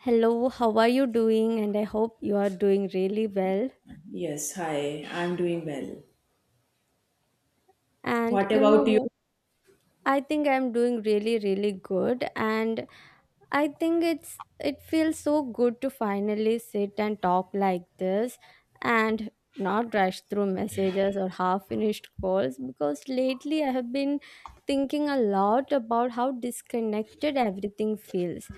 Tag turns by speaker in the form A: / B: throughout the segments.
A: Hello, how are you doing? And I hope you are doing really well.
B: Yes, hi. I'm doing well.
A: And
B: What about you?
A: I think I'm doing really, really good. And I think it feels so good to finally sit and talk like this and not rush through messages or half finished calls because lately I have been thinking a lot about how disconnected everything feels.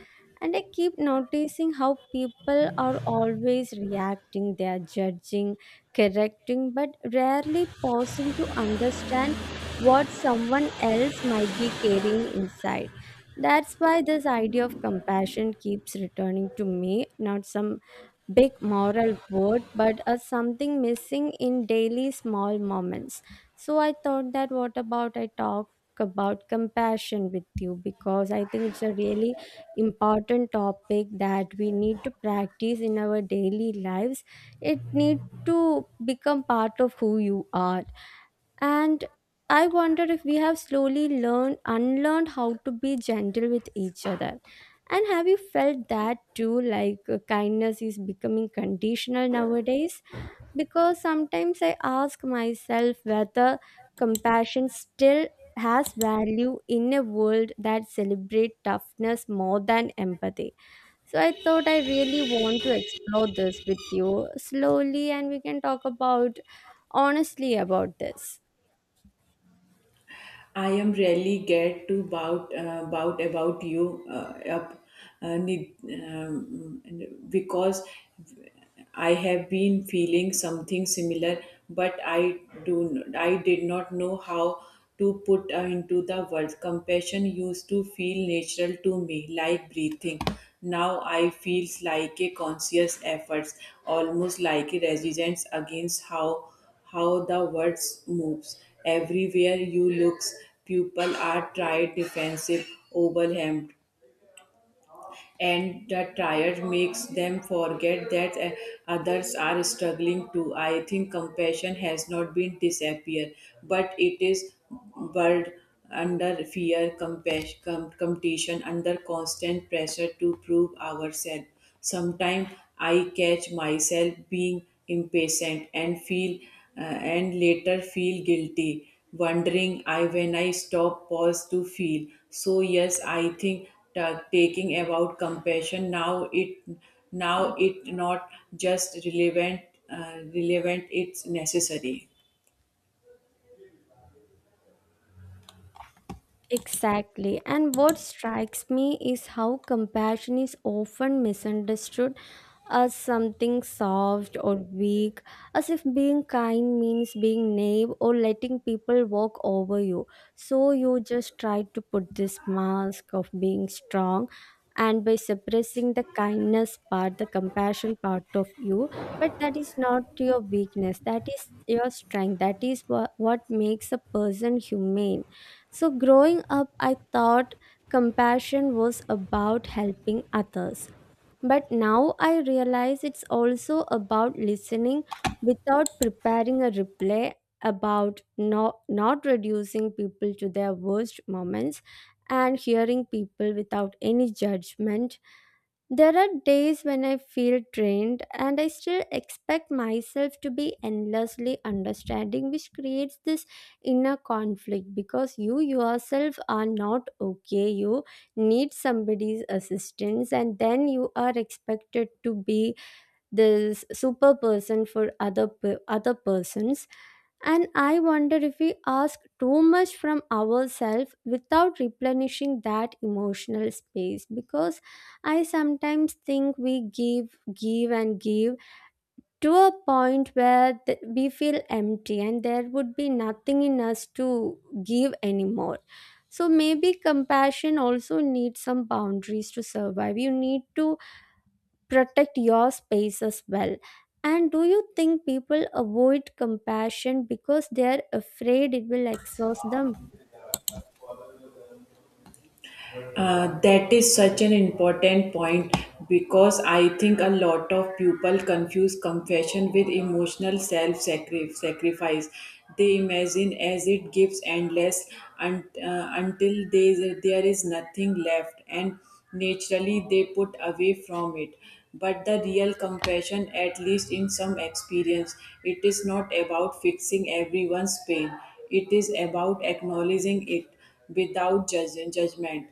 A: And I keep noticing how people are always reacting, they are judging, correcting, but rarely pausing to understand what someone else might be carrying inside. That's why this idea of compassion keeps returning to me, not some big moral word, but as something missing in daily small moments. So I thought that what about I talk about compassion with you because I think it's a really important topic that we need to practice in our daily lives. It need to become part of who you are and I wonder if we have slowly learned, unlearned how to be gentle with each other. And have you felt that too? Like kindness is becoming conditional nowadays? Because sometimes I ask myself whether compassion still has value in a world that celebrates toughness more than empathy. So I thought I really want to explore this with you slowly and we can talk about honestly about this.
B: I am really get to bout bout about you up need, because I have been feeling something similar, but I did not know how to put into the world. Compassion used to feel natural to me, like breathing. Now I feels like a conscious effort, almost like a resistance against how the words moves. Everywhere you looks, people are tired, defensive, overwhelmed, and the tired makes them forget that others are struggling too. I think compassion has not been disappear, but it is buried under fear, compassion, competition, under constant pressure to prove ourselves. Sometimes I catch myself being impatient and feel and later feel guilty, wondering I when I stop, pause to feel. So yes, I think taking about compassion now it not just relevant it's necessary.
A: Exactly. And what strikes me is how compassion is often misunderstood as something soft or weak, as if being kind means being naive or letting people walk over you. So you just try to put this mask of being strong. And by suppressing the kindness part, the compassion part of you, but that is not your weakness, that is your strength, that is what makes a person humane. So, growing up, I thought compassion was about helping others, but now I realize it's also about listening without preparing a replay, about not reducing people to their worst moments and hearing people without any judgment. There are days when I feel drained and I still expect myself to be endlessly understanding, which creates this inner conflict because you yourself are not okay. You need somebody's assistance and then you are expected to be this super person for other persons and I wonder if we ask too much from ourselves without replenishing that emotional space because I sometimes think we give and give to a point where we feel empty and there would be nothing in us to give anymore. So maybe compassion also needs some boundaries to survive. You need to protect your space as well. And do you think people avoid compassion because they're afraid it will exhaust them?
B: That is such an important point because I think a lot of people confuse confession with emotional self sacrifice. They imagine as it gives endless until they, there is nothing left, and naturally they put away from it. But the real compassion, at least in some experience, it is not about fixing everyone's pain, it is about acknowledging it without judgment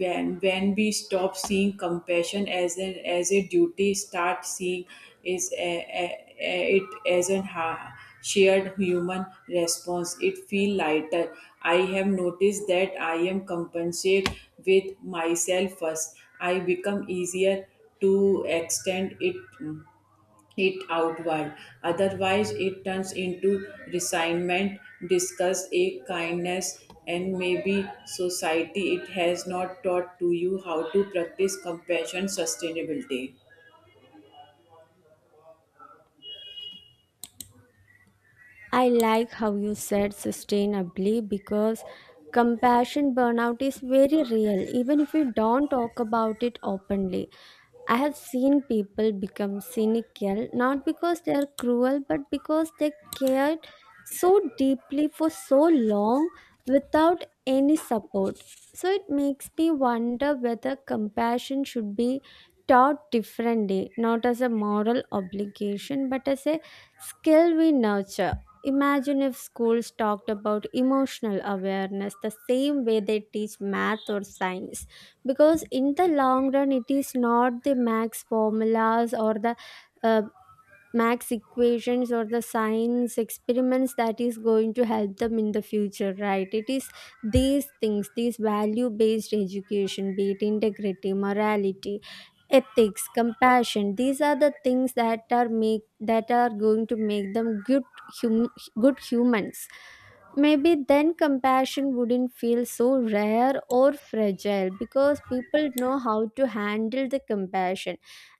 B: when we stop seeing compassion as an as a duty start seeing is it as shared human response it feel lighter. I have noticed that I am compensate with myself first I become easier to extend it outward. Otherwise, it turns into resignment, disgust, a kindness, and maybe society. It has not taught to you how to practice compassion, sustainability.
A: I like how you said sustainably because compassion burnout is very real, even if we don't talk about it openly. I have seen people become cynical not because they are cruel but because they cared so deeply for so long without any support. So it makes me wonder whether compassion should be taught differently, not as a moral obligation but as a skill we nurture. Imagine if schools talked about emotional awareness the same way they teach math or science because in the long run it is not the max formulas or the uh, max equations or the science experiments that is going to help them in the future, right? It is these things, these value based education, be it integrity, morality, ethics, compassion, these are the things that are going to make them hum, good humans. Maybe then compassion wouldn't feel so rare or fragile because people know how to handle the compassion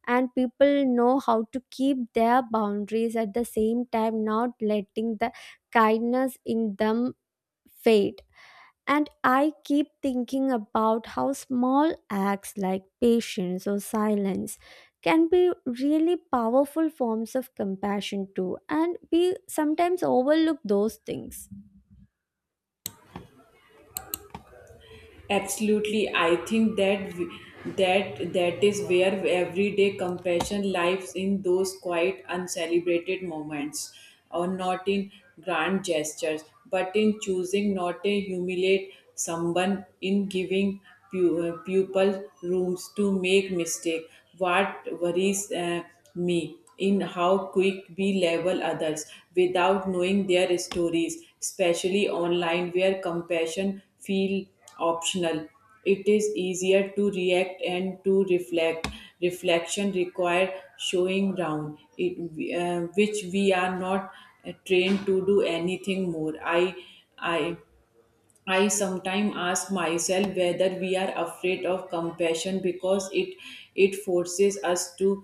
A: and people know how to keep their boundaries at the same time, not letting the kindness in them fade. And I keep thinking about how small acts like patience or silence can be really powerful forms of compassion too. And we sometimes overlook those things.
B: Absolutely, I think that w- that that is where everyday compassion lives in those quiet, uncelebrated moments, or not in grand gestures, but in choosing not to humiliate someone, in giving pupil rooms to make mistake. What worries me in how quick we level others without knowing their stories, especially online where compassion feel optional. It is easier to react and to reflect. Reflection require showing down, which we are not trained to do anything more. I I sometimes ask myself whether we are afraid of compassion because it forces us to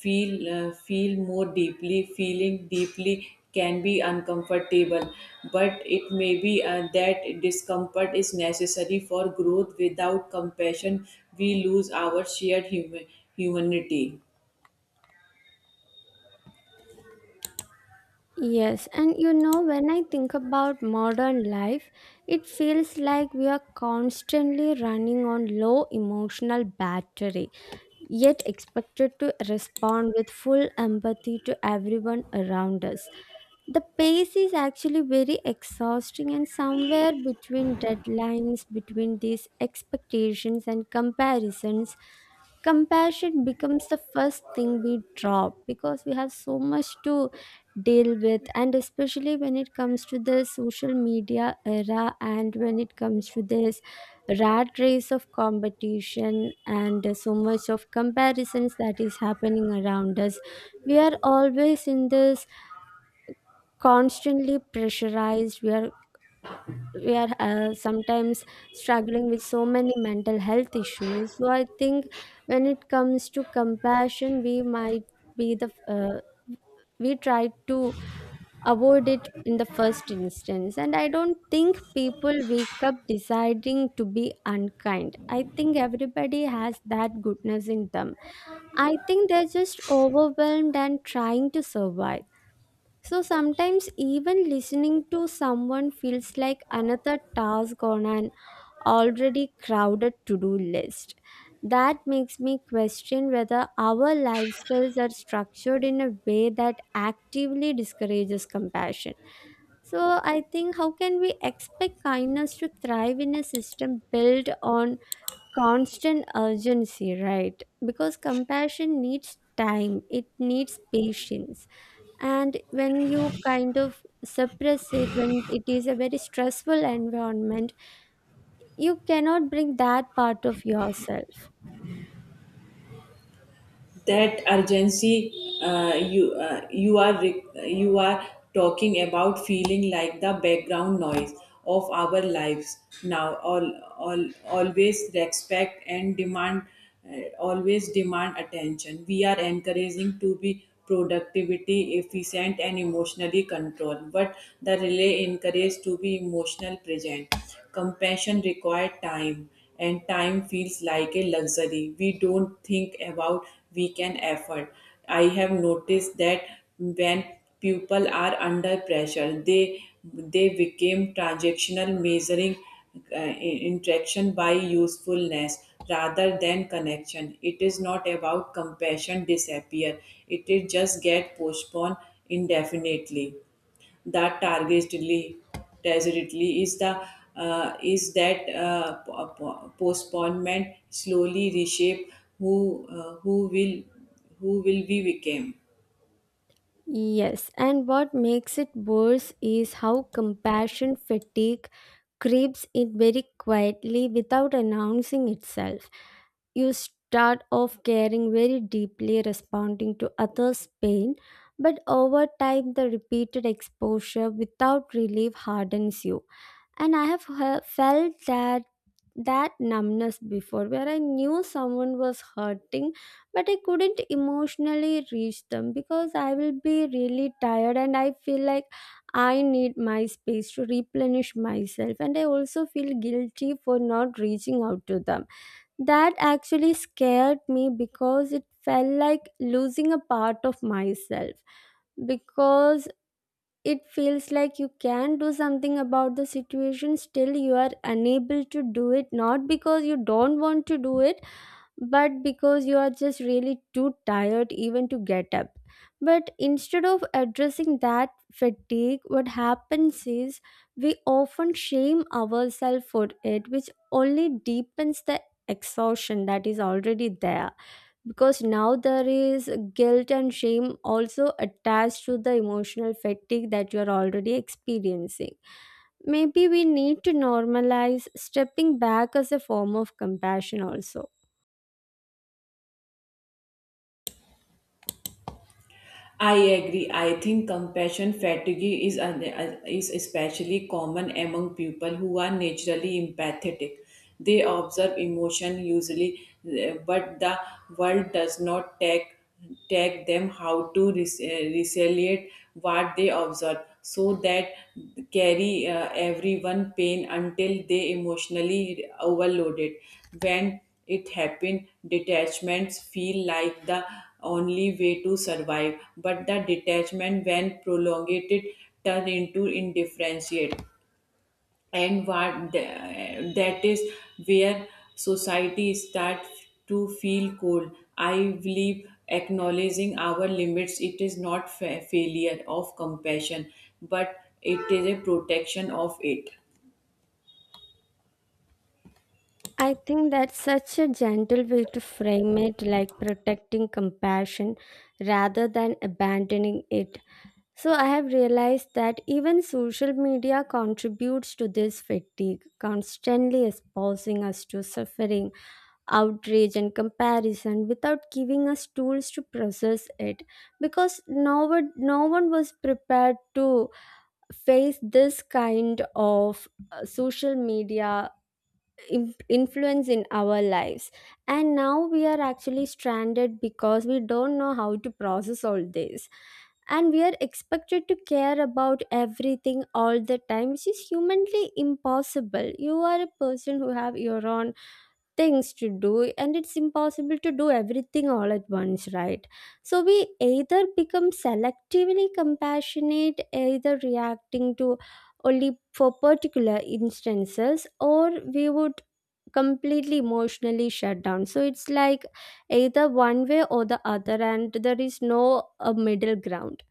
B: feel more deeply. Feeling deeply can be uncomfortable, but it may be that discomfort is necessary for growth. Without compassion, we lose our shared humanity.
A: Yes, and you know, when I think about modern life, it feels like we are constantly running on low emotional battery, yet expected to respond with full empathy to everyone around us. The pace is actually very exhausting, and somewhere between deadlines, between these expectations and comparisons, compassion becomes the first thing we drop because we have so much to deal with and especially when it comes to the social media era and when it comes to this rat race of competition and so much of comparisons that is happening around us we are always in this constantly pressurized, we are sometimes struggling with so many mental health issues. So I think when it comes to compassion, we might be the we try to avoid it in the first instance and I don't think people wake up deciding to be unkind. I think everybody has that goodness in them. I think they're just overwhelmed and trying to survive, so sometimes even listening to someone feels like another task on an already crowded to-do list. That makes me question whether our lifestyles are structured in a way that actively discourages compassion. So I think, how can we expect kindness to thrive in a system built on constant urgency, right? Because compassion needs time, it needs patience. And when you kind of suppress it, when it is a very stressful environment, you cannot bring that part of yourself.
B: That urgency you are you are talking about feeling like the background noise of our lives now all always respect and demand always demand attention. We are encouraging to be productivity efficient and emotionally controlled but the relay encouraged to be emotional present. Compassion requires time, and time feels like a luxury we don't think about we can afford. I have noticed that when people are under pressure, they became transactional, measuring uh, interaction by usefulness rather than connection. It is not about compassion disappear. It is just get postponed indefinitely. That targetedly is the is that po- po- postponement slowly reshape who will who will we become.
A: Yes, and what makes it worse is how compassion fatigue creeps in very quietly without announcing itself. You start off caring very deeply, responding to others' pain, but over time, the repeated exposure without relief hardens you. And I have felt that that numbness before where I knew someone was hurting but I couldn't emotionally reach them because I will be really tired and I feel like I need my space to replenish myself and I also feel guilty for not reaching out to them. That actually scared me because it felt like losing a part of myself. Because it feels like you can do something about the situation, still, you are unable to do it, not because you don't want to do it, but because you are just really too tired even to get up. But instead of addressing that fatigue, what happens is we often shame ourselves for it, which only deepens the exhaustion that is already there. Because now there is guilt and shame also attached to the emotional fatigue that you are already experiencing. Maybe we need to normalize stepping back as a form of compassion also.
B: I agree. I think compassion fatigue is, is especially common among people who are naturally empathetic. They observe emotion usually, eh, but the world does not take them how to resiliate what they observe so that carry everyone pain until they emotionally overloaded. When it happened detachments feel like the only way to survive, but the detachment, when prolonged, it turn into indifference. And that is where society starts to feel cold. I believe acknowledging our limits, it is not failure of compassion, but it is a protection of it.
A: I think that's such a gentle way to frame it, like protecting compassion rather than abandoning it. So, I have realized that even social media contributes to this fatigue, constantly exposing us to suffering, outrage, and comparison without giving us tools to process it. Because no one, no one was prepared to face this kind of social media influence in our lives and now we are actually stranded because we don't know how to process all this and we are expected to care about everything all the time, which is humanly impossible. You are a person who have your own things to do and it's impossible to do everything all at once, right? So we either become selectively compassionate, either reacting to only for particular instances, or we would completely emotionally shut down. So it's like either one way or the other and there is no a middle ground.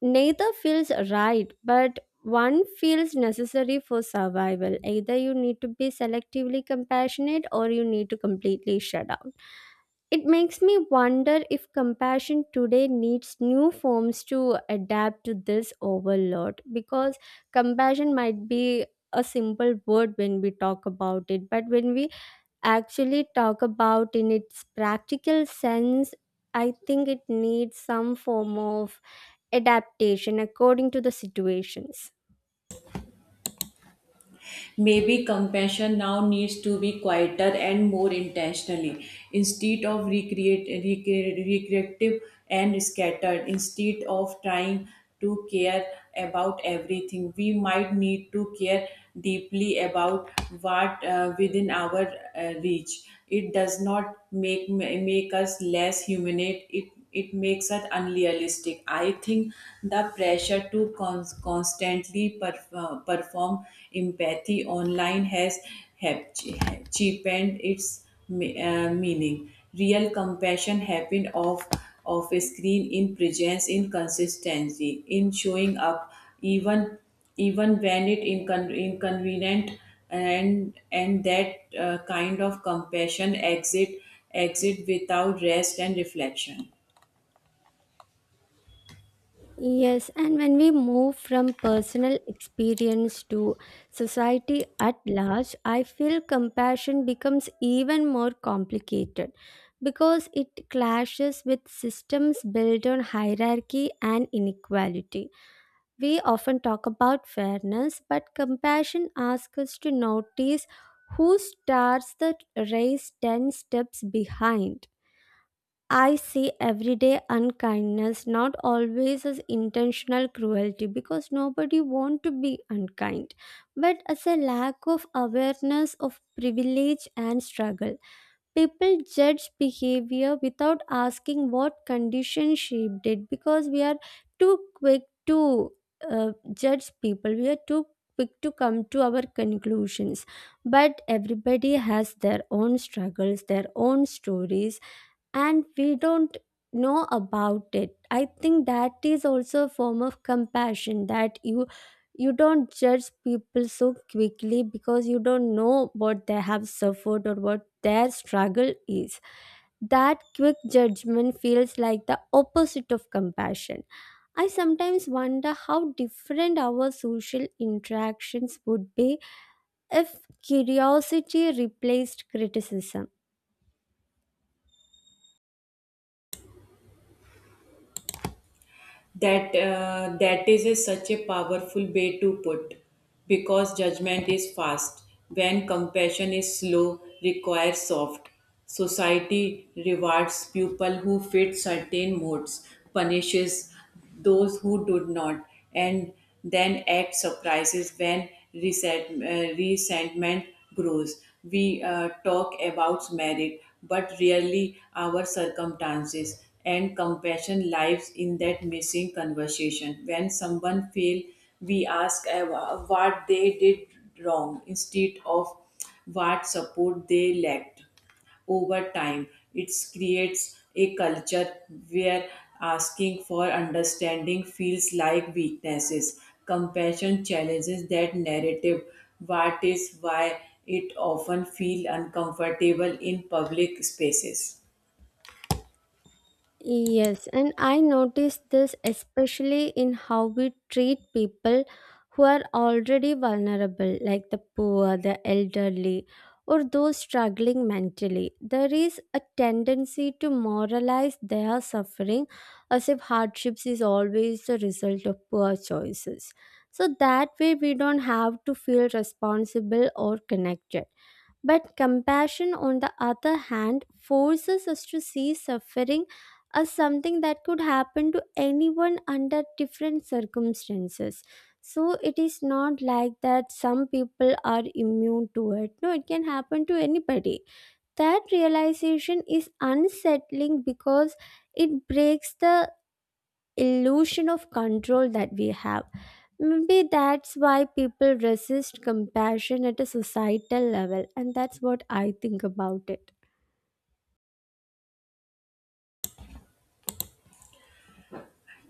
A: Neither feels right, but one feels necessary for survival. Either you need to be selectively compassionate or you need to completely shut down. It makes me wonder if compassion today needs new forms to adapt to this overload because compassion might be a simple word when we talk about it, but when we actually talk about in its practical sense, I think it needs some form of adaptation according to the situations.
B: Maybe compassion now needs to be quieter and more intentionally. Instead of recreative and scattered, instead of trying to care about everything, we might need to care deeply about what within our reach. It does not make us less humanate. It makes it unrealistic. I think the pressure to constantly perform empathy online has have cheapened its meaning. Real compassion happened off of a screen in presence in consistency in showing up even even when it inconvenient, and that kind of compassion exit without rest and reflection.
A: Yes, and when we move from personal experience to society at large, I feel compassion becomes even more complicated because it clashes with systems built on hierarchy and inequality. We often talk about fairness, but compassion asks us to notice who starts the race 10 steps behind. I see everyday unkindness not always as intentional cruelty, because nobody want to be unkind, but as a lack of awareness of privilege and struggle. People judge behavior without asking what condition shaped it because we are too quick to judge people. We are too quick to come to our conclusions but everybody has their own struggles, their own stories, and we don't know about it. I think that is also a form of compassion, that you don't judge people so quickly because you don't know what they have suffered or what their struggle is. That quick judgment feels like the opposite of compassion. I sometimes wonder how different our social interactions would be if curiosity replaced criticism.
B: That that is such a powerful way to put because judgment is fast when compassion is slow requires soft. Society rewards people who fit certain modes, punishes those who do not, and then act surprises when resentment grows. We talk about merit, but really our circumstances and compassion lives in that missing conversation. When someone fails, we ask what they did wrong instead of what support they lacked over time. It creates a culture where asking for understanding feels like weaknesses. Compassion challenges that narrative. What is why it often feels uncomfortable in public spaces.
A: Yes, and I noticed this especially in how we treat people who are already vulnerable, like the poor, the elderly, or those struggling mentally. There is a tendency to moralize their suffering as if hardships is always the result of poor choices. So that way, we don't have to feel responsible or connected. But compassion, on the other hand, forces us to see suffering as something that could happen to anyone under different circumstances. So it is not like that some people are immune to it. No, it can happen to anybody. That realization is unsettling because it breaks the illusion of control that we have. Maybe that's why people resist compassion at a societal level, and that's what I think about it.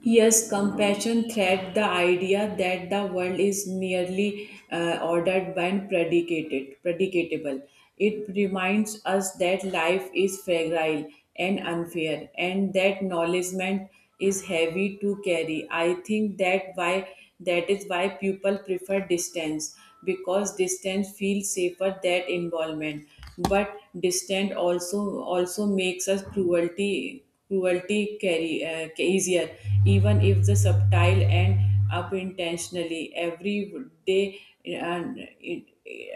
B: Yes, compassion thread the idea that the world is merely ordered by and predicatable. It reminds us that life is fragile and unfair, and that knowledgement is heavy to carry. I think that why that is why people prefer distance because distance feels safer than involvement. But distance also makes us cruelty carry, easier, even if the subtle and up intentionally every day and it-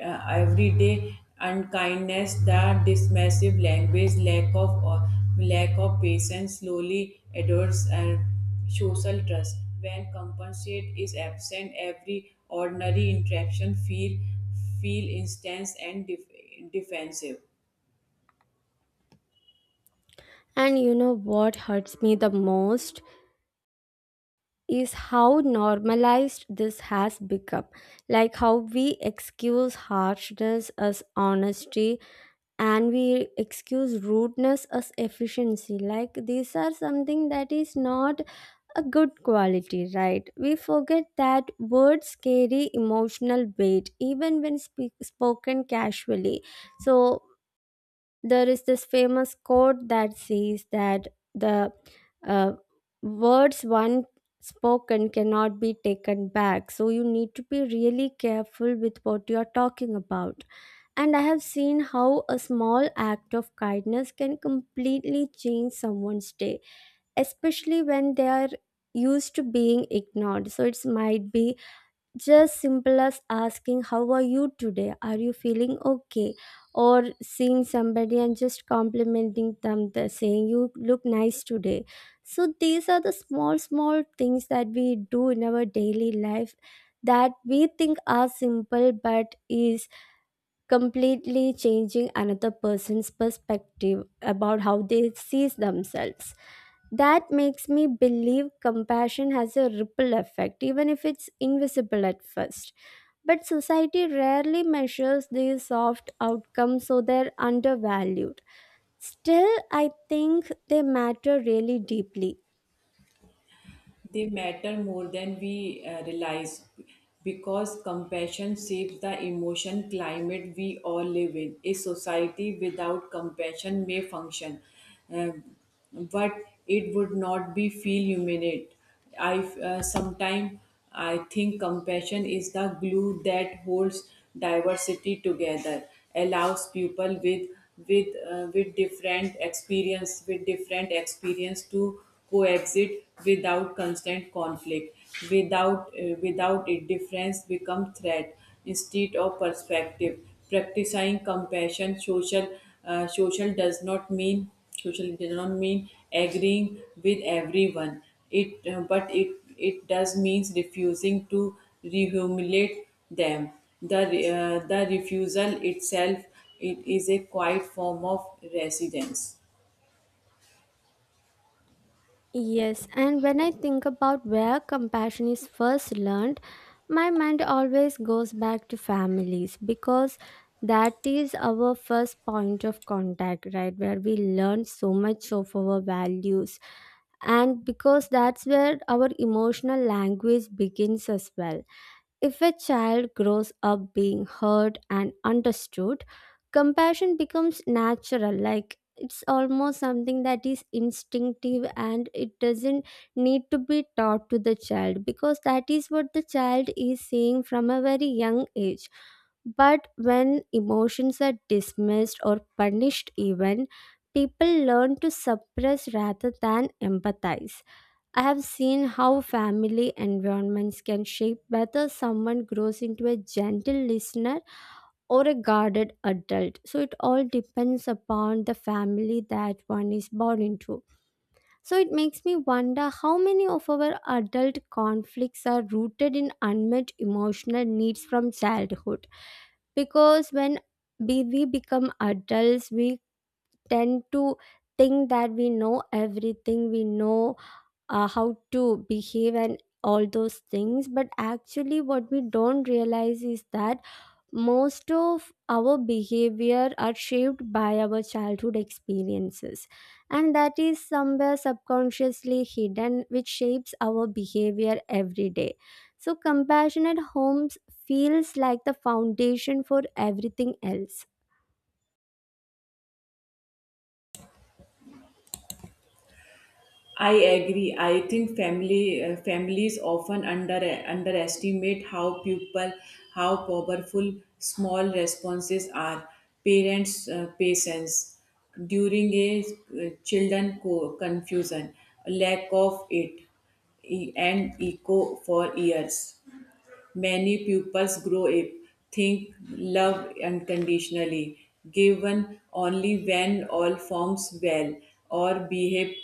B: uh, every day unkindness that dismissive language lack of patience slowly adores and social trust. When compensate is absent every ordinary interaction feel intense and defensive.
A: And you know what hurts me the most is how normalized this has become. Like how we excuse harshness as honesty, and we excuse rudeness as efficiency. Like these are something that is not a good quality, right? We forget that words carry emotional weight even when spoken casually. So there is this famous quote that says that the uh, words one spoken cannot be taken back. So you need to be really careful with what you are talking about. And I have seen how a small act of kindness can completely change someone's day, especially when they are used to being ignored. So it might be just simple as asking, how are you today, are you feeling okay, or seeing somebody and just complimenting them the saying, you look nice today. So these are the small small things that we do in our daily life that we think are simple but is completely changing another person's perspective about how they sees themselves. That makes me believe compassion has a ripple effect, even if it's invisible at first. But society rarely measures these soft outcomes, so they're undervalued. Still, I think they matter really deeply.
B: They matter more than we realize because compassion shapes the emotion climate we all live in. A society without compassion may function, uh, but it would not be feel humanate. I sometimes I think compassion is the glue that holds diversity together, allows people with with different experience to coexist without constant conflict, without without it difference become threat instead of perspective. Practicing compassion, uh, social does not mean social does not mean agreeing with everyone. It but it does means refusing to rehumiliate them. The the refusal itself it is a quiet form of resistance.
A: Yes, and when I think about where compassion is first learned, my mind always goes back to families, because that is our first point of contact, right? Where we learn so much of our values, and because that's where our emotional language begins as well. If a child grows up being heard and understood, compassion becomes natural, like it's almost something that is instinctive and it doesn't need to be taught to the child, because that is what the child is seeing from a very young age. But when emotions are dismissed or punished, even people learn to suppress rather than empathize. I have seen how family environments can shape whether someone grows into a gentle listener or a guarded adult. So it all depends upon the family that one is born into. So it makes me wonder how many of our adult conflicts are rooted in unmet emotional needs from childhood. Because when we become adults, we tend to think that we know everything, we know how to behave and all those things, but actually what we don't realize is that most of our behavior are shaped by our childhood experiences, and that is somewhere subconsciously hidden which shapes our behavior every day. So compassionate homes feels like the foundation for everything else.
B: I agree. I think family families often underestimate how powerful small responses are. Parents' patience during a children confusion, lack of it, and echo for years. Many pupils grow up think love unconditionally, given only when all forms well or behave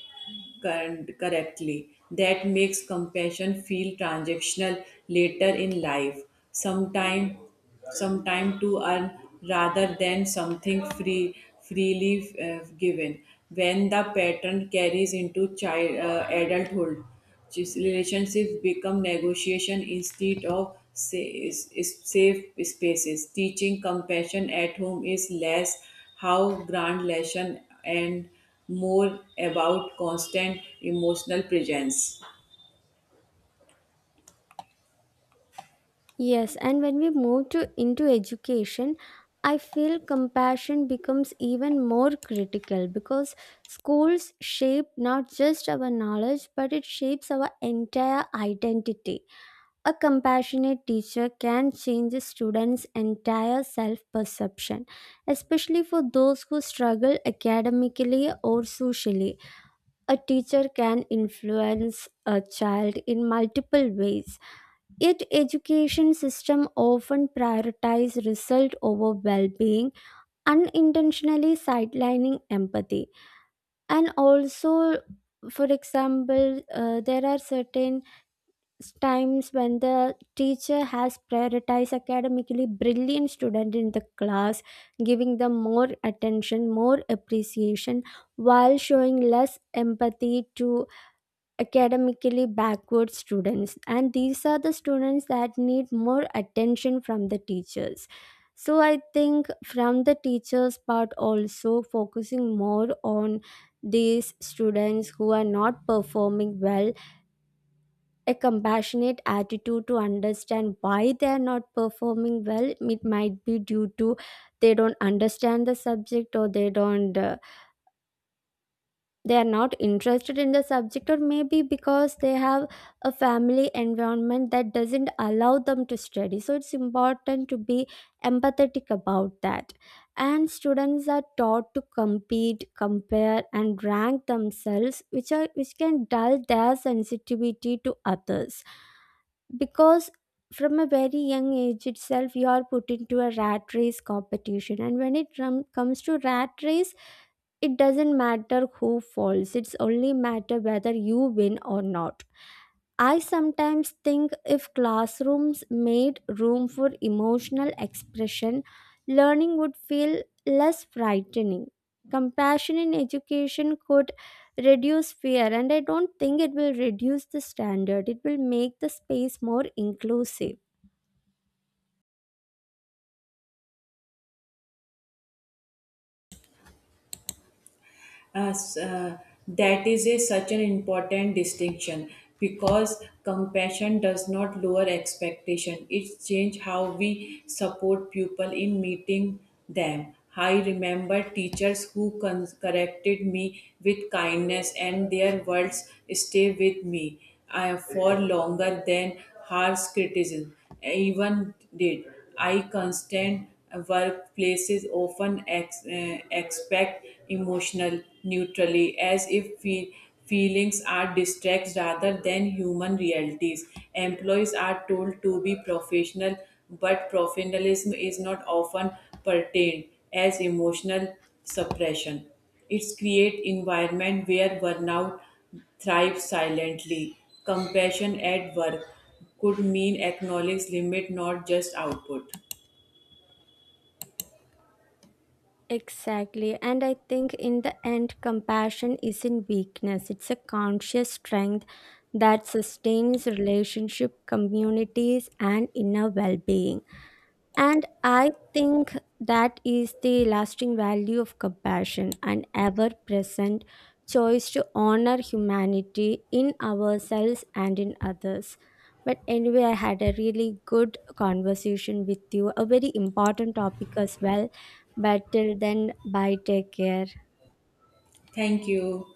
B: correctly. That makes compassion feel transactional later in life, sometime, sometime to earn rather than something free, freely given. When the pattern carries into child adulthood, just relationships become negotiation instead of safe spaces. Teaching compassion at home is less how grand lesson and more about constant emotional presence.
A: Yes, and when we move to into education, I feel compassion becomes even more critical because schools shape not just our knowledge but it shapes our entire identity. A compassionate teacher can change a student's entire self-perception, especially for those who struggle academically or socially. A teacher can influence a child in multiple ways. Yet education system often prioritize result over well-being, unintentionally sidelining empathy. And also, for example, there are certain times when the teacher has prioritized academically brilliant student in the class, giving them more attention, more appreciation, while showing less empathy to academically backward students, and these are the students that need more attention from the teachers. So I think from the teachers part also focusing more on these students who are not performing well, a compassionate attitude to understand why they are not performing well. It might be due to they don't understand the subject, or they don't they are not interested in the subject, or maybe because they have a family environment that doesn't allow them to study. So it's important to be empathetic about that. And students are taught to compete, compare and rank themselves, which are which can dull their sensitivity to others. Because from a very young age itself you are put into a rat race competition, and when it comes to rat race, it doesn't matter who falls, it's only matter whether you win or not. I sometimes think if classrooms made room for emotional expression, learning would feel less frightening. Compassion in education could reduce fear, and I don't think it will reduce the standard, it will make the space more inclusive.
B: As, uh, that is such an important distinction because compassion does not lower expectation. It changes how we support people in meeting them. I remember teachers who corrected me with kindness, and their words stay with me for longer than harsh criticism even did. I constant workplaces often expect emotional neutrality as if we feelings are distracts rather than human realities. Employees are told to be professional, but professionalism is not often pertained as emotional suppression. It's create environment where burnout thrives silently. Compassion at work could mean acknowledge limit, not just output.
A: Exactly. And I think in the end, compassion isn't weakness, it's a conscious strength that sustains relationship, communities, and inner well being. And I think that is the lasting value of compassion, an ever present choice to honor humanity in ourselves and in others. But anyway, I had a really good conversation with you, a very important topic as well. But till then, bye, take care.
B: Thank you.